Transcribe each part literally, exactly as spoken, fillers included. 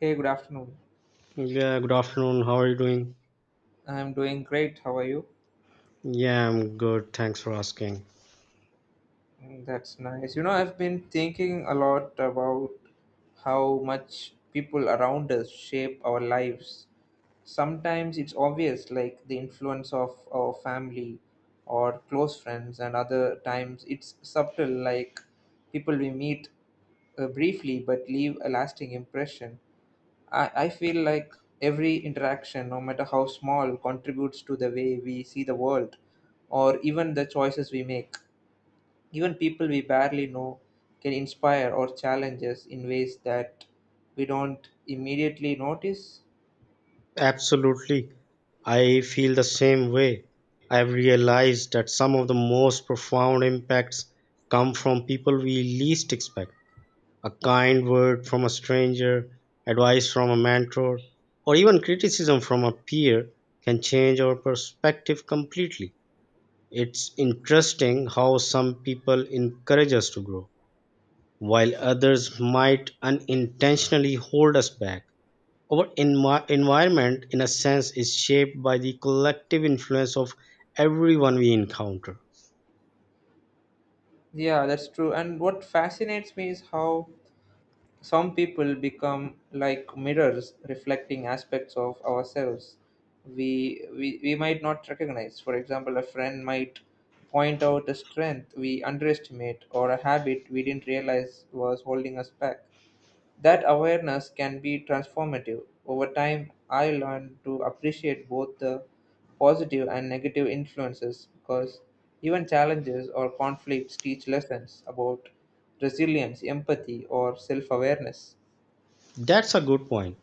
Hey, good afternoon. Yeah, good afternoon. How are you doing? I'm doing great. How are you? Yeah, I'm good. Thanks for asking. Mm, that's nice. You know, I've been thinking a lot about how much people around us shape our lives. Sometimes it's obvious, like the influence of our family or close friends, and other times it's subtle, like people we meet uh, briefly but leave a lasting impression. I, I feel like every interaction, no matter how small, contributes to the way we see the world or even the choices we make. Even people we barely know can inspire or challenge us in ways that we don't immediately notice. Absolutely. I feel the same way. I've realized that some of the most profound impacts come from people we least expect. A kind word from a stranger, advice from a mentor, or even criticism from a peer can change our perspective completely. It's interesting how some people encourage us to grow while others might unintentionally hold us back. Our envi- environment, in a sense, is shaped by the collective influence of everyone we encounter. Yeah, that's true. And what fascinates me is how some people become like mirrors reflecting aspects of ourselves we, we, we might not recognize. For example, a friend might point out a strength we underestimate or a habit we didn't realize was holding us back. That awareness can be transformative. Over time, I learned to appreciate both the positive and negative influences because even challenges or conflicts teach lessons about resilience, empathy, or self awareness. That's a good point.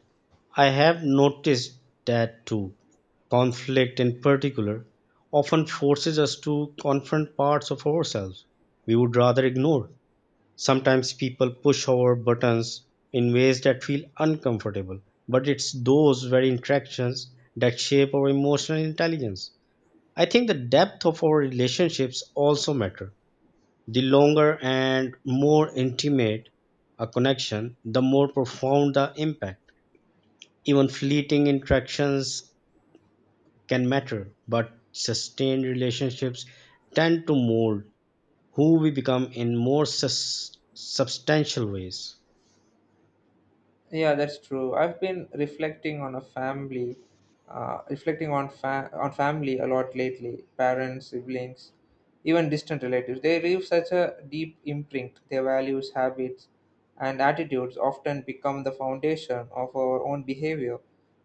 I have noticed that too. Conflict, in particular, often forces us to confront parts of ourselves we would rather ignore. Sometimes people push our buttons in ways that feel uncomfortable, but it's those very interactions that shape our emotional intelligence. I think the depth of our relationships also matter. The longer and more intimate a connection, the more profound the impact. Even fleeting interactions can matter, but sustained relationships tend to mold who we become in more sus- substantial ways. Yeah, that's true. I've been reflecting on a family, uh, reflecting on fa- on family a lot lately. Parents, siblings, even distant relatives. They leave such a deep imprint. Their values, habits, and attitudes often become the foundation of our own behavior,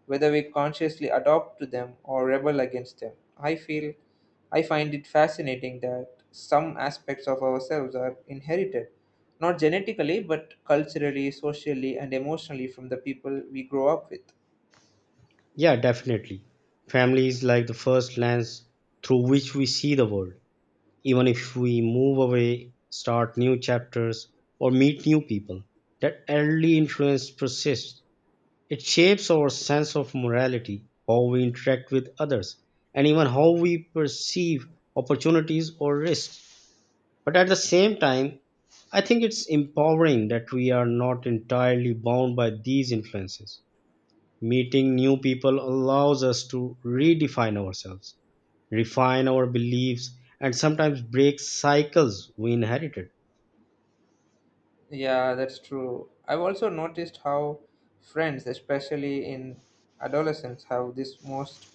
whether we consciously adopt to them or rebel against them. I feel, I find it fascinating that some aspects of ourselves are inherited not genetically, but culturally, socially, and emotionally from the people we grow up with. Yeah, definitely. Family is like the first lens through which we see the world. Even if we move away, start new chapters, or meet new people, that early influence persists. It shapes our sense of morality, how we interact with others, and even how we perceive opportunities or risks. But at the same time, I think it's empowering that we are not entirely bound by these influences. Meeting new people allows us to redefine ourselves, refine our beliefs, and sometimes break cycles we inherited. Yeah, that's true. I've also noticed how friends, especially in adolescence, have this most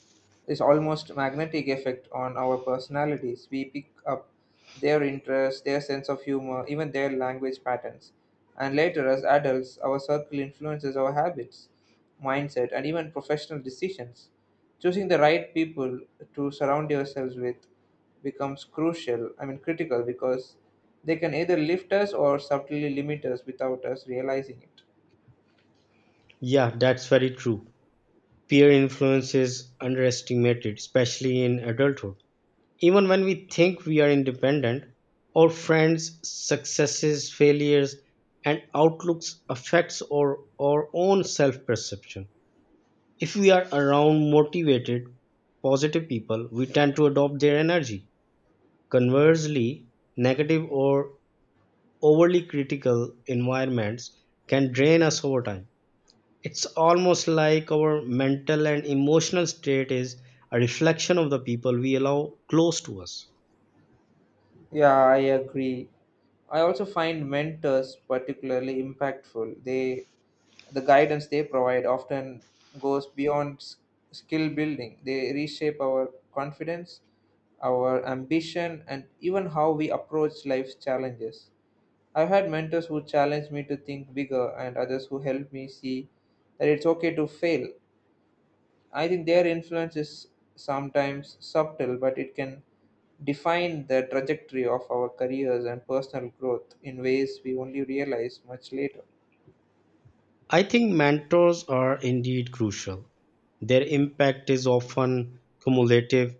this almost magnetic effect on our personalities. We pick up their interests, their sense of humor, even their language patterns. And later, as adults, our circle influences our habits, mindset, and even professional decisions. Choosing the right people to surround yourselves with becomes crucial I mean critical because they can either lift us or subtly limit us without us realizing it. Yeah, that's very true. Peer influence is underestimated, especially in adulthood. Even when we think we are independent, our friends' successes, failures, and outlooks affects our, our own self-perception. If we are around motivated, positive people, we tend to adopt their energy. Conversely, negative or overly critical environments can drain us over time. It's almost like our mental and emotional state is a reflection of the people we allow close to us. Yeah, I agree. I also find mentors particularly impactful. They the guidance they provide often goes beyond s- skill building. They reshape our confidence, our ambition, and even how we approach life's challenges. I've had mentors who challenge me to think bigger and others who help me see that it's okay to fail. I think their influence is sometimes subtle, but it can define the trajectory of our careers and personal growth in ways we only realize much later. I think mentors are indeed crucial. Their impact is often cumulative.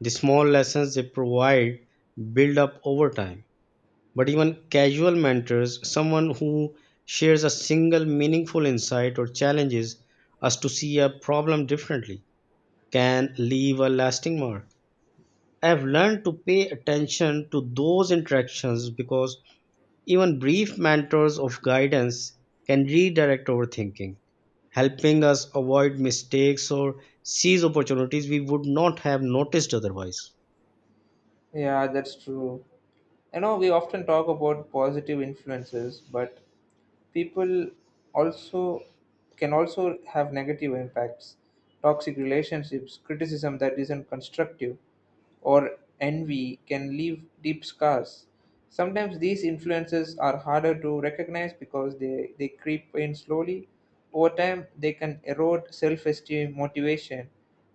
The small lessons they provide build up over time. But even casual mentors, someone who shares a single meaningful insight or challenges us to see a problem differently, can leave a lasting mark. I have learned to pay attention to those interactions because even brief mentors of guidance can redirect our thinking, helping us avoid mistakes or seize opportunities we would not have noticed otherwise. Yeah, that's true. I know we often talk about positive influences, but people also can also have negative impacts. Toxic relationships, criticism that isn't constructive, or envy can leave deep scars. Sometimes these influences are harder to recognize because they, they creep in slowly. Over time they can erode self-esteem, motivation,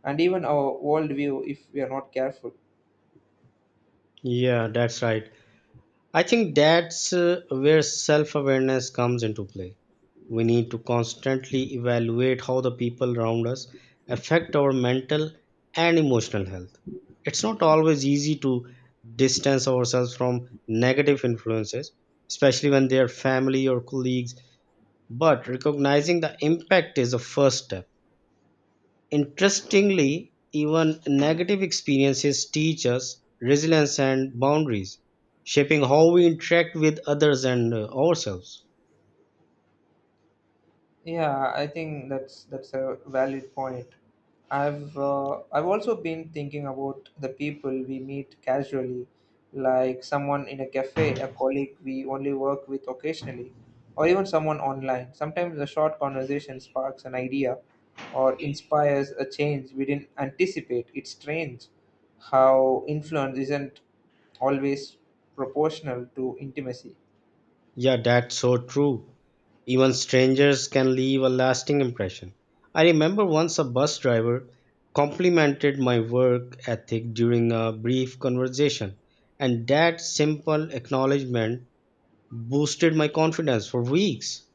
and even our worldview if we are not careful. Yeah, that's right. I think that's uh, where self awareness comes into play. We need to constantly evaluate how the people around us affect our mental and emotional health. It's not always easy to distance ourselves from negative influences, especially when they are family or colleagues, but recognizing the impact is the first step. Interestingly, even negative experiences teach us resilience and boundaries, shaping how we interact with others and uh, ourselves. Yeah, I think that's that's a valid point. I've uh, I've also been thinking about the people we meet casually, like someone in a cafe, a colleague we only work with occasionally, or even someone online. Sometimes a short conversation sparks an idea or inspires a change we didn't anticipate. It's strange how influence isn't always proportional to intimacy. Yeah, that's so true. Even strangers can leave a lasting impression. I remember once a bus driver complimented my work ethic during a brief conversation, and that simple acknowledgement boosted my confidence for weeks.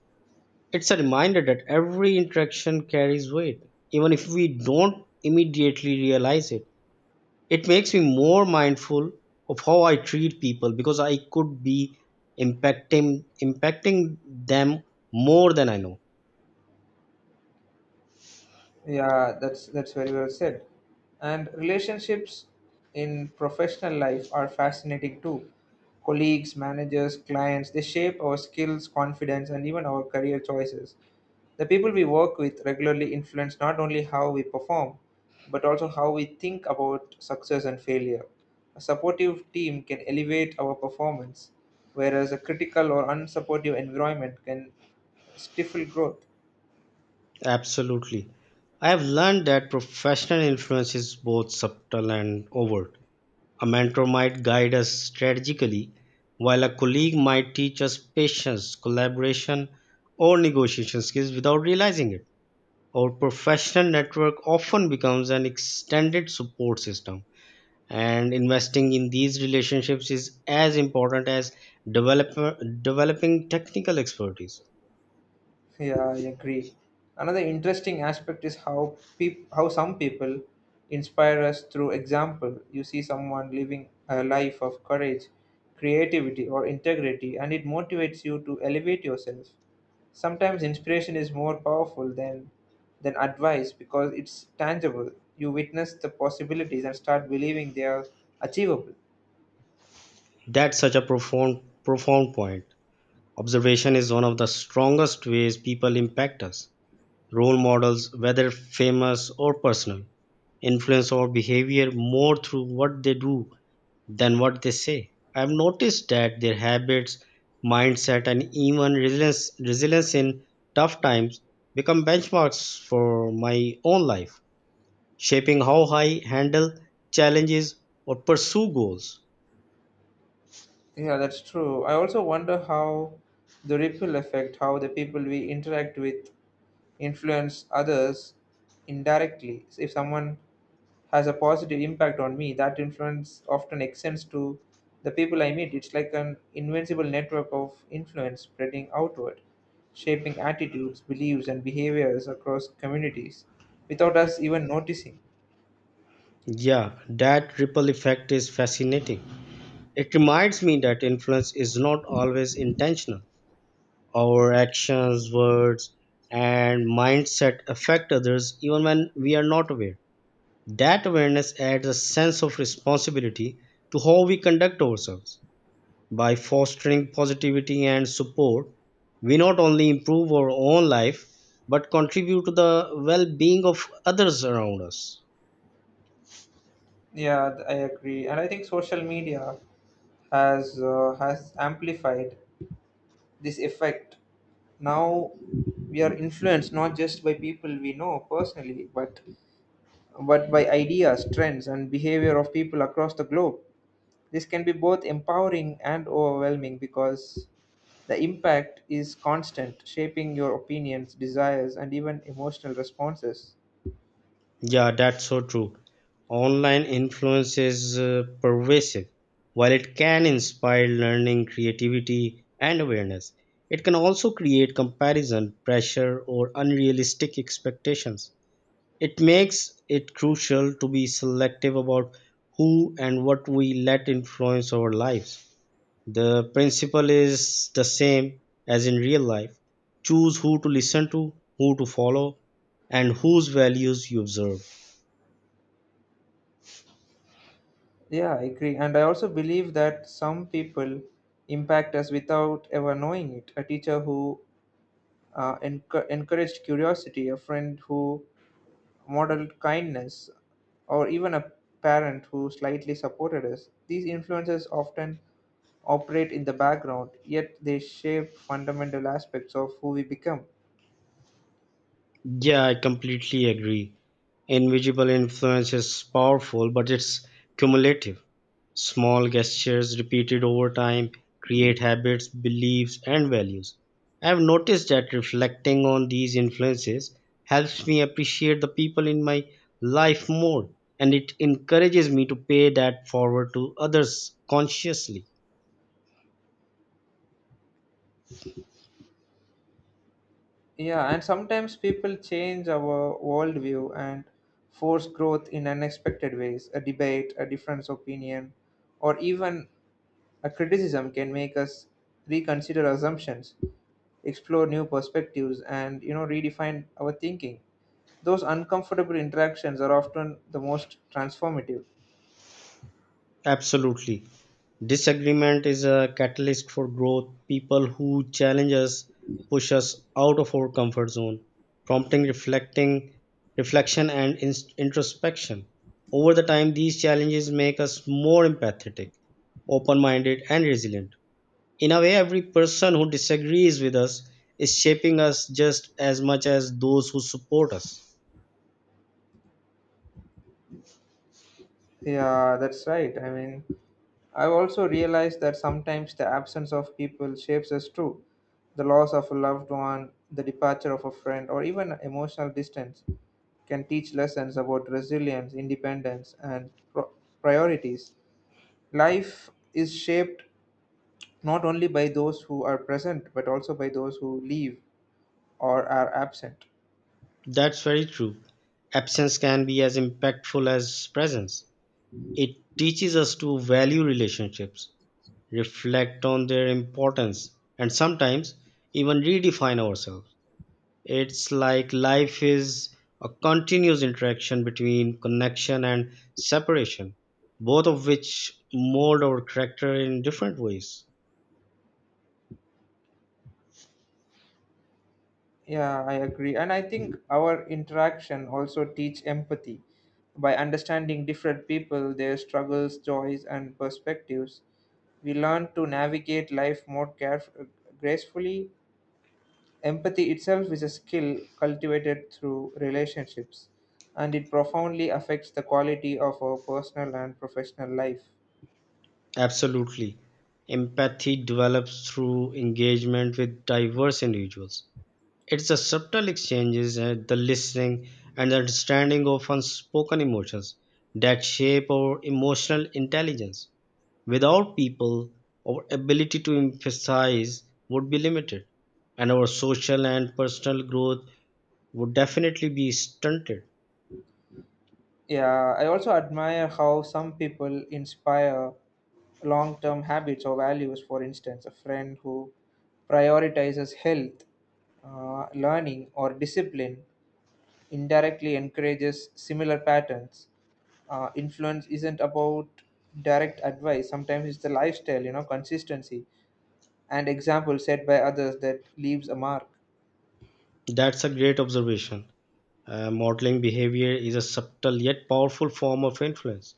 It's a reminder that every interaction carries weight, even if we don't immediately realize it. It makes me more mindful of how I treat people because I could be impacting impacting them more than I know. Yeah, that's that's very well said. And relationships in professional life are fascinating too. Colleagues, managers, clients, they shape our skills, confidence, and even our career choices. The people we work with regularly influence not only how we perform, but also how we think about success and failure. A supportive team can elevate our performance, whereas a critical or unsupportive environment can stifle growth. Absolutely. I have learned that professional influence is both subtle and overt. A mentor might guide us strategically, while a colleague might teach us patience, collaboration, or negotiation skills without realizing it. Our professional network often becomes an extended support system, and investing in these relationships is as important as develop- developing technical expertise. Yeah, I agree. Another interesting aspect is how peop- how some people inspire us through example. You see someone living a life of courage, creativity, or integrity, and it motivates you to elevate yourself. Sometimes inspiration is more powerful than than advice because it's tangible. You witness the possibilities and start believing they are achievable. That's such a profound, profound point. Observation is one of the strongest ways people impact us. Role models, whether famous or personal, influence our behavior more through what they do than what they say. I've noticed that their habits, mindset, and even resilience, resilience in tough times become benchmarks for my own life, shaping how I handle challenges or pursue goals. Yeah, that's true. I also wonder how the ripple effect, how the people we interact with influence others indirectly. If someone has a positive impact on me, that influence often extends to the people I meet. It's like an invincible network of influence spreading outward, shaping attitudes, beliefs, and behaviors across communities without us even noticing. Yeah, that ripple effect is fascinating. It reminds me that influence is not always intentional. Our actions, words, and mindset affect others even when we are not aware. That awareness adds a sense of responsibility to how we conduct ourselves. By fostering positivity and support, we not only improve our own life but contribute to the well being of others around us. Yeah, th- I agree. And I think social media has uh, has amplified this effect. Now we are influenced not just by people we know personally, but but by ideas, trends, and behavior of people across the globe. This can be both empowering and overwhelming because the impact is constant, shaping your opinions, desires, and even emotional responses. Yeah, that's so true. Online influence is uh, pervasive. While it can inspire learning, creativity, and awareness, it can also create comparison, pressure, or unrealistic expectations. It makes it crucial to be selective about who and what we let influence our lives. The principle is the same as in real life: choose who to listen to, who to follow, and whose values you observe. Yeah, I agree. And I also believe that some people impact us without ever knowing it. A teacher who uh, enc- encouraged curiosity, a friend who modeled kindness, or even a parent who slightly supported us. These influences often operate in the background, yet they shape fundamental aspects of who we become. Yeah, I completely agree. Invisible influence is powerful, but it's cumulative. Small gestures repeated over time create habits, beliefs, and values. I have noticed that reflecting on these influences helps me appreciate the people in my life more, and it encourages me to pay that forward to others consciously. Yeah, and sometimes people change our worldview and force growth in unexpected ways. A debate, a different opinion, or even a criticism can make us reconsider assumptions, explore new perspectives, and you know redefine our thinking. Those uncomfortable interactions are often the most transformative. Absolutely. Disagreement is a catalyst for growth. People who challenge us push us out of our comfort zone, prompting reflecting reflection and ins- introspection. Over the time, these challenges make us more empathetic, open-minded, and resilient. In a way, every person who disagrees with us is shaping us just as much as those who support us. Yeah, that's right. I mean, I've also realized that sometimes the absence of people shapes us too. The loss of a loved one, the departure of a friend, or even emotional distance can teach lessons about resilience, independence, and pro- priorities. Life is shaped not only by those who are present but also by those who leave or are absent. That's very true. Absence can be as impactful as presence. It teaches us to value relationships, reflect on their importance, and sometimes even redefine ourselves. It's like life is a continuous interaction between connection and separation, both of which mold our character in different ways. Yeah, I agree. And I think our interaction also teach empathy. By understanding different people, their struggles, joys, and perspectives, we learn to navigate life more caref- gracefully. Empathy itself is a skill cultivated through relationships, and it profoundly affects the quality of our personal and professional life. Absolutely. Empathy develops through engagement with diverse individuals. It's the subtle exchanges, uh, the listening, and the understanding of unspoken emotions that shape our emotional intelligence. Without people, our ability to emphasize would be limited, and our social and personal growth would definitely be stunted. Yeah, I also admire how some people inspire long term habits or values. For instance, a friend who prioritizes health, uh, learning, or discipline indirectly encourages similar patterns. Uh, influence isn't about direct advice, sometimes it's the lifestyle, you know, consistency and example set by others that leaves a mark. That's a great observation. Uh, modeling behavior is a subtle yet powerful form of influence.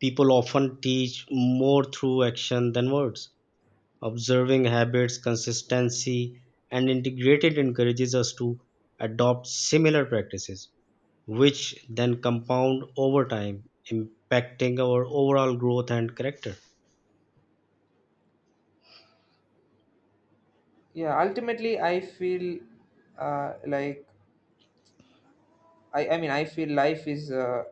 People often teach more through action than words, observing habits, consistency, and integrated encourages us to adopt similar practices, which then compound over time, impacting our overall growth and character. Yeah, ultimately I feel uh, like I, I mean i feel life is uh,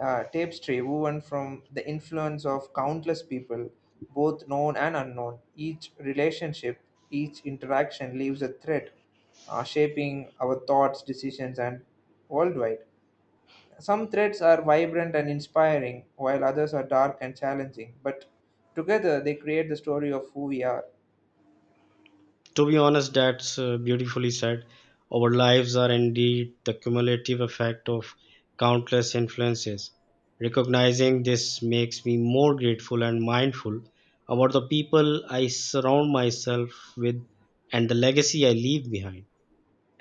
uh, tapestry woven from the influence of countless people, both known and unknown. Each relationship, each interaction leaves a thread, uh, shaping our thoughts, decisions, and worldwide. Some threads are vibrant and inspiring, while others are dark and challenging, but together they create the story of who we are. To be honest, that's uh, beautifully said. Our lives are indeed the cumulative effect of countless influences. Recognizing this makes me more grateful and mindful about the people I surround myself with and the legacy I leave behind.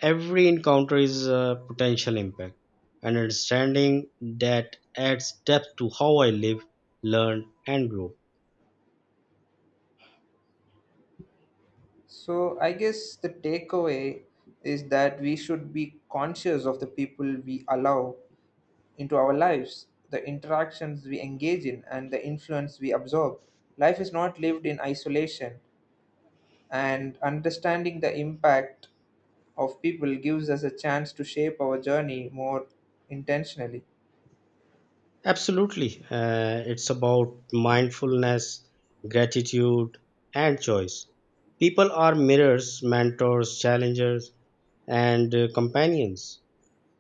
Every encounter is a potential impact, and understanding that adds depth to how I live, learn, and grow. So, I guess the takeaway is that we should be conscious of the people we allow into our lives, the interactions we engage in, and the influence we absorb. Life is not lived in isolation, and understanding the impact of people gives us a chance to shape our journey more intentionally. Absolutely. Uh, it's about mindfulness, gratitude, and choice. People are mirrors, mentors, challengers, and uh, companions.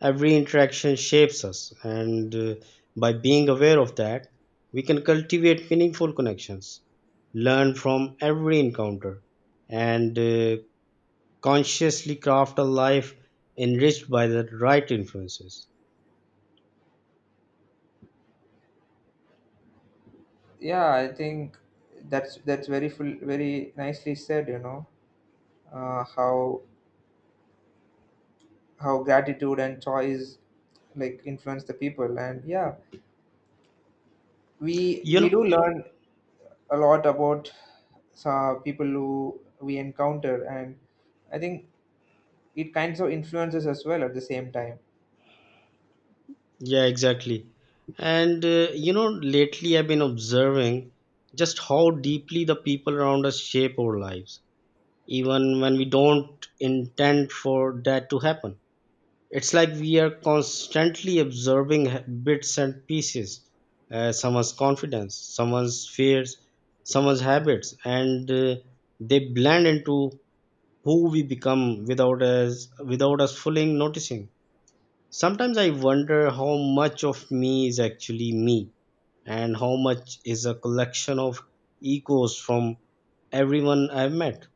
Every interaction shapes us, and uh, by being aware of that, we can cultivate meaningful connections, learn from every encounter, and uh, consciously craft a life enriched by the right influences. Yeah, I think that's that's very full, very nicely said. You know, uh, how how gratitude and choice like influence the people, and yeah, we You we know, do learn a lot about uh, people who we encounter, and I think it kinds of influences as well at the same time. yeah, exactly. And uh, you know, lately I've been observing just how deeply the people around us shape our lives, even when we don't intend for that to happen. It's like we are constantly observing h- bits and pieces, uh, someone's confidence, someone's fears, someone's habits, and uh, they blend into who we become without us without us fully noticing. Sometimes I wonder how much of me is actually me, and how much is a collection of echoes from everyone I've met.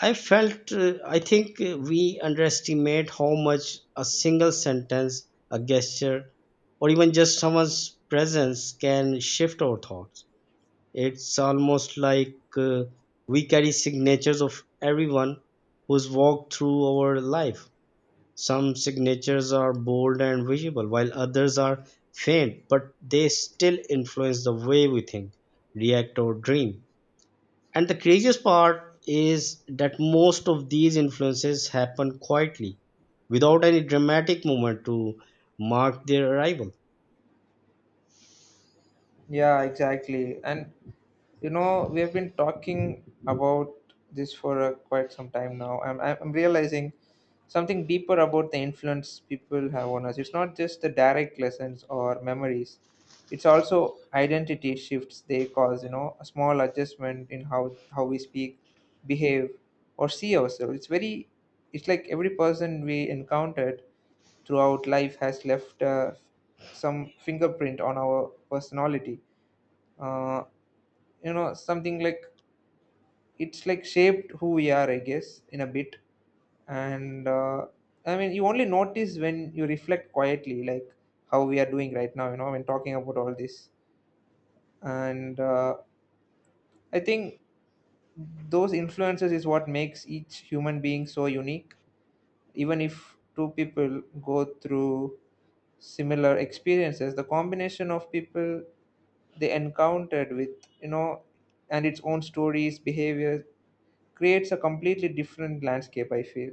I felt, uh, I think uh, we underestimate how much a single sentence, a gesture, or even just someone's presence can shift our thoughts. It's almost like uh, we carry signatures of everyone who's walked through our life. Some signatures are bold and visible, while others are faint, but they still influence the way we think, react, or dream. And the craziest part is that most of these influences happen quietly, without any dramatic moment to mark their arrival. Yeah, exactly. And you know, we have been talking about this for uh, quite some time now. I'm, I'm I'm realizing something deeper about the influence people have on us. It's not just the direct lessons or memories, it's also identity shifts they cause, you know, a small adjustment in how, how we speak, behave, or see ourselves. It's very, it's like every person we encountered throughout life has left uh, some fingerprint on our personality. Uh, you know, something like it's like shaped who we are I guess in a bit, and uh, I mean you only notice when you reflect quietly, like how we are doing right now, you know, when talking about all this. And uh, I think those influences is what makes each human being so unique. Even if two people go through similar experiences, the combination of people they encountered with, you know, and its own stories, behaviors, creates a completely different landscape I feel.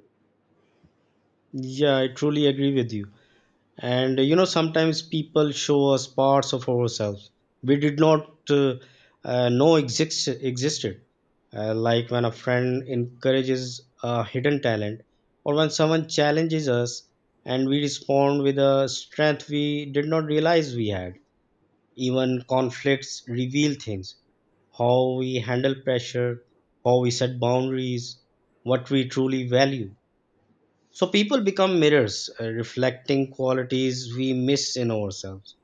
Yeah, I truly agree with you. And uh, you know, sometimes people show us parts of ourselves we did not uh, uh, know exist- existed. Uh, like when a friend encourages a hidden talent, or when someone challenges us and we respond with a strength we did not realize we had. Even conflicts reveal things: how we handle pressure, how we set boundaries, what we truly value. So people become mirrors, uh, reflecting qualities we miss in ourselves.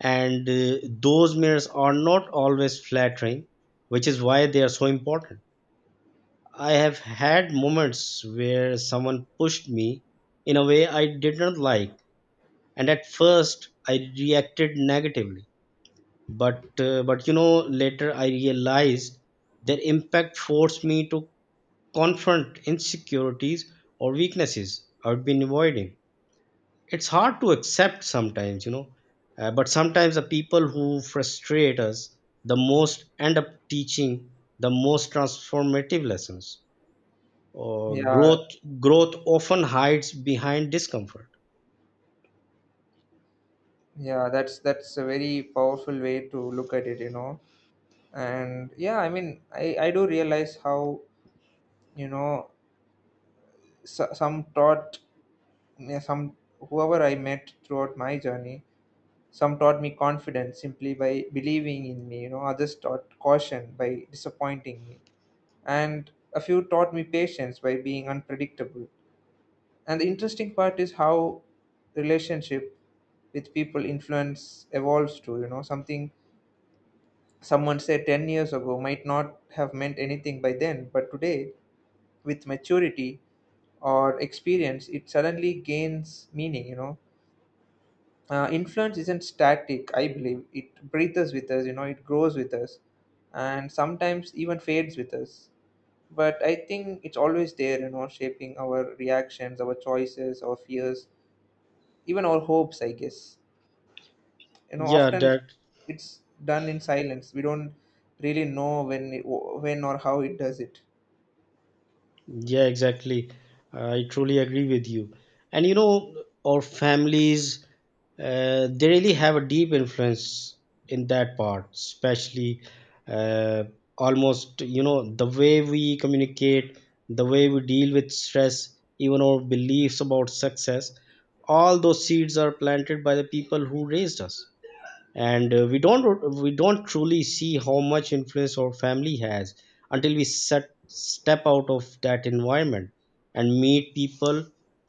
And uh, those mirrors are not always flattering, which is why they are so important. I have had moments where someone pushed me in a way I did not like, and at first I reacted negatively, but uh, but you know, later I realized their impact forced me to confront insecurities or weaknesses I've been avoiding. It's hard to accept sometimes you know uh, But sometimes the people who frustrate us the most end up teaching the most transformative lessons or Yeah, growth growth often hides behind discomfort. yeah, that's that's a very powerful way to look at it, you know. And yeah, I mean, I I do realize how, you know, so, some taught me- some whoever I met throughout my journey, some taught me confidence simply by believing in me, you know, others taught caution by disappointing me. And a few taught me patience by being unpredictable. And the interesting part is how relationship with people influence evolves to, you know, something someone said ten years ago might not have meant anything by then, but today, with maturity or experience, it suddenly gains meaning, you know. Uh, influence isn't static, I believe. It breathes with us, you know, it grows with us, and sometimes even fades with us. But I think it's always there, you know, shaping our reactions, our choices, our fears, even our hopes, I guess. You know, yeah often that it's done in silence. We don't really know when it- when or how it does it. Yeah, exactly. I truly agree with you. And you know, our families, uh, they really have a deep influence in that part, especially uh, almost, you know, the way we communicate, the way we deal with stress, even our beliefs about success. All those seeds are planted by the people who raised us, and uh, we don't we don't truly see how much influence our family has until we set, step out of that environment and meet people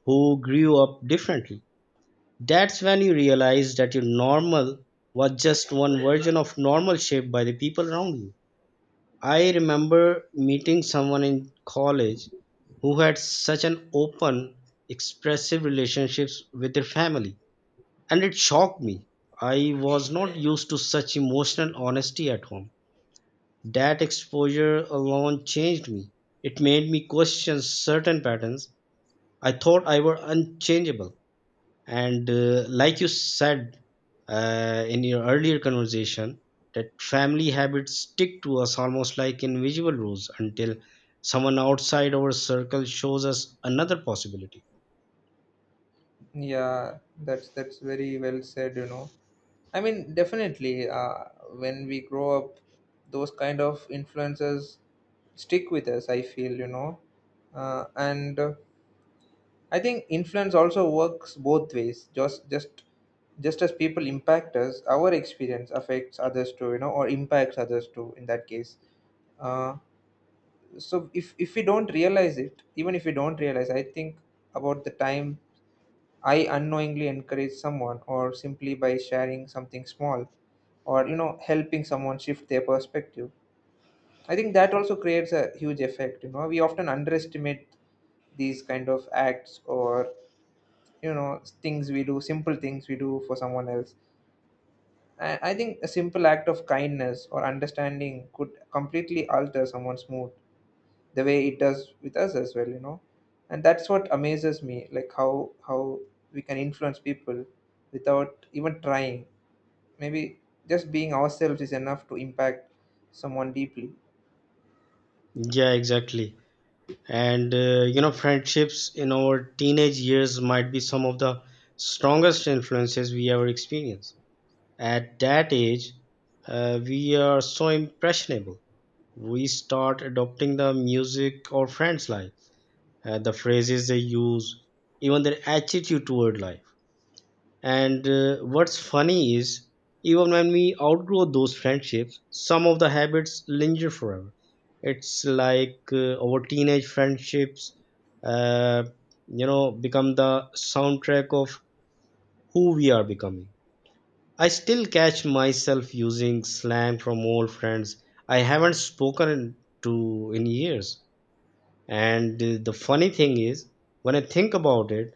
who grew up differently. That's when you realize that your normal was just one version of normal shaped by the people around you. I remember meeting someone in college who had such an open, expressive relationships with their family, and it shocked me. I was not used to such emotional honesty at home. That exposure alone changed me. It made me question certain patterns I thought I were unchangeable. And uh, like you said, uh, in your earlier conversation, that family habits stick to us almost like invisible rules until someone outside our circle shows us another possibility. Yeah, that's that's very well said, you know. I mean definitely uh, when we grow up those kind of influences stick with us I feel, you know. Uh, and uh, I think influence also works both ways. Just just just as people impact us, our experience affects others too, you know, or impacts others too in that case. Uh, so if if we don't realize it, even if we don't realize, I think about the time I unknowingly encourage someone, or simply by sharing something small, or you know helping someone shift their perspective, I think that also creates a huge effect. You know, we often underestimate these kind of acts, or you know things we do, simple things we do for someone else. I, I think a simple act of kindness or understanding could completely alter someone's mood, the way it does with us as well, you know. And that's what amazes me, like how how we can influence people without even trying. Maybe just being ourselves is enough to impact someone deeply. Yeah, exactly. and uh, You know, friendships in our teenage years might be some of the strongest influences we ever experience at that age. Uh, we are so impressionable, we start adopting the music our friends like, uh, the phrases they use, even their attitude toward life. And uh, what's funny is, even when we outgrow those friendships, some of the habits linger forever. It's like uh, our teenage friendships, uh, you know, become the soundtrack of who we are becoming. I still catch myself using slang from old friends I haven't spoken to in years. And uh, the funny thing is, when I think about it,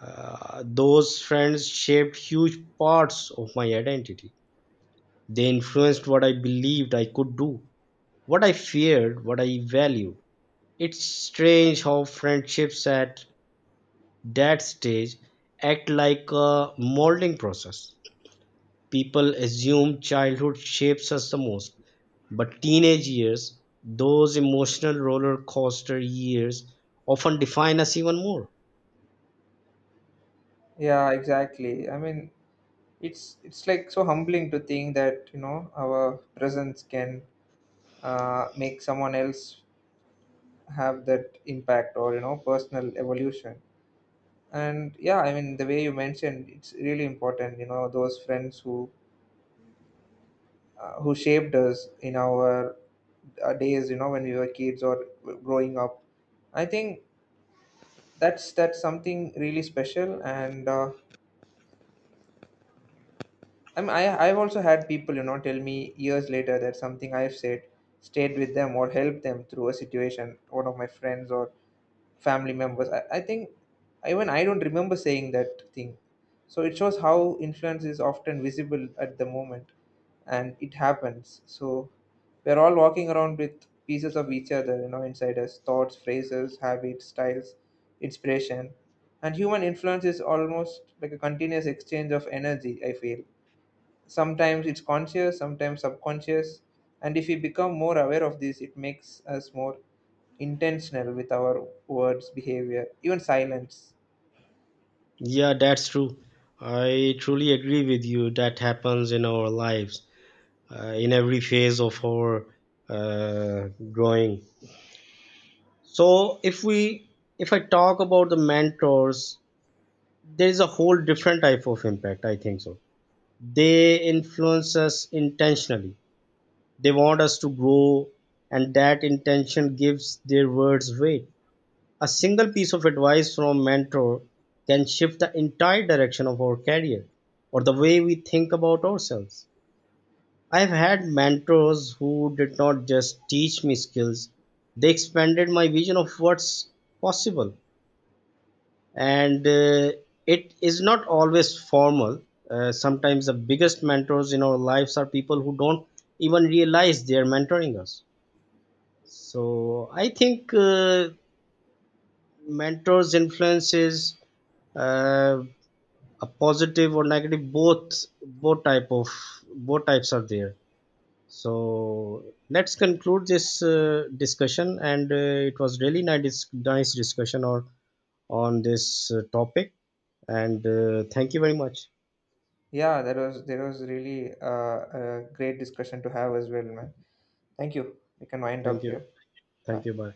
uh, those friends shaped huge parts of my identity. They influenced what I believed I could do, what I feared, what I valued. It's strange how friendships at that stage act like a molding process. People assume childhood shapes us the most, but teenage years, those emotional roller coaster years, often define us even more. Yeah, exactly, I mean it's it's like so humbling to think that, you know, our presence can uh, make someone else have that impact, or you know personal evolution. And yeah, I mean the way you mentioned, it's really important, you know, those friends who uh, who shaped us in our uh, days, you know, when we were kids or growing up. I think that's that's something really special. And uh, I'm, I, i've also had people, you know, tell me years later that something I've said stayed with them or helped them through a situation, one of my friends or family members. I, I think even I don't remember saying that thing. So it shows how influence is often visible at the moment and it happens. So we're all walking around with pieces of each other, you know, inside us, thoughts, phrases, habits, styles, inspiration. And human influence is almost like a continuous exchange of energy, I feel. Sometimes it's conscious, sometimes subconscious. And if we become more aware of this, it makes us more intentional with our words, behavior, even silence. Yeah, that's true. I truly agree with you. That happens in our lives, uh, in every phase of our uh, growing. So, if we, if I talk about the mentors, there is a whole different type of impact, I think so. They influence us intentionally. They want us to grow, and that intention gives their words weight. A single piece of advice from a mentor can shift the entire direction of our career or the way we think about ourselves. I've had mentors who did not just teach me skills, they expanded my vision of what's possible. And uh, it is not always formal. Uh, sometimes the biggest mentors in our lives are people who don't even realize they are mentoring us. So I think uh, mentors' influences, uh, a positive or negative, both both type of both types are there. So let's conclude this uh, discussion, and uh, it was really nice nice discussion or on this uh, topic, and uh, thank you very much. Yeah, that was that was really uh, a great discussion to have as well, man. Thank you. We can wind Thank up you. here. Thank Bye. you, bye.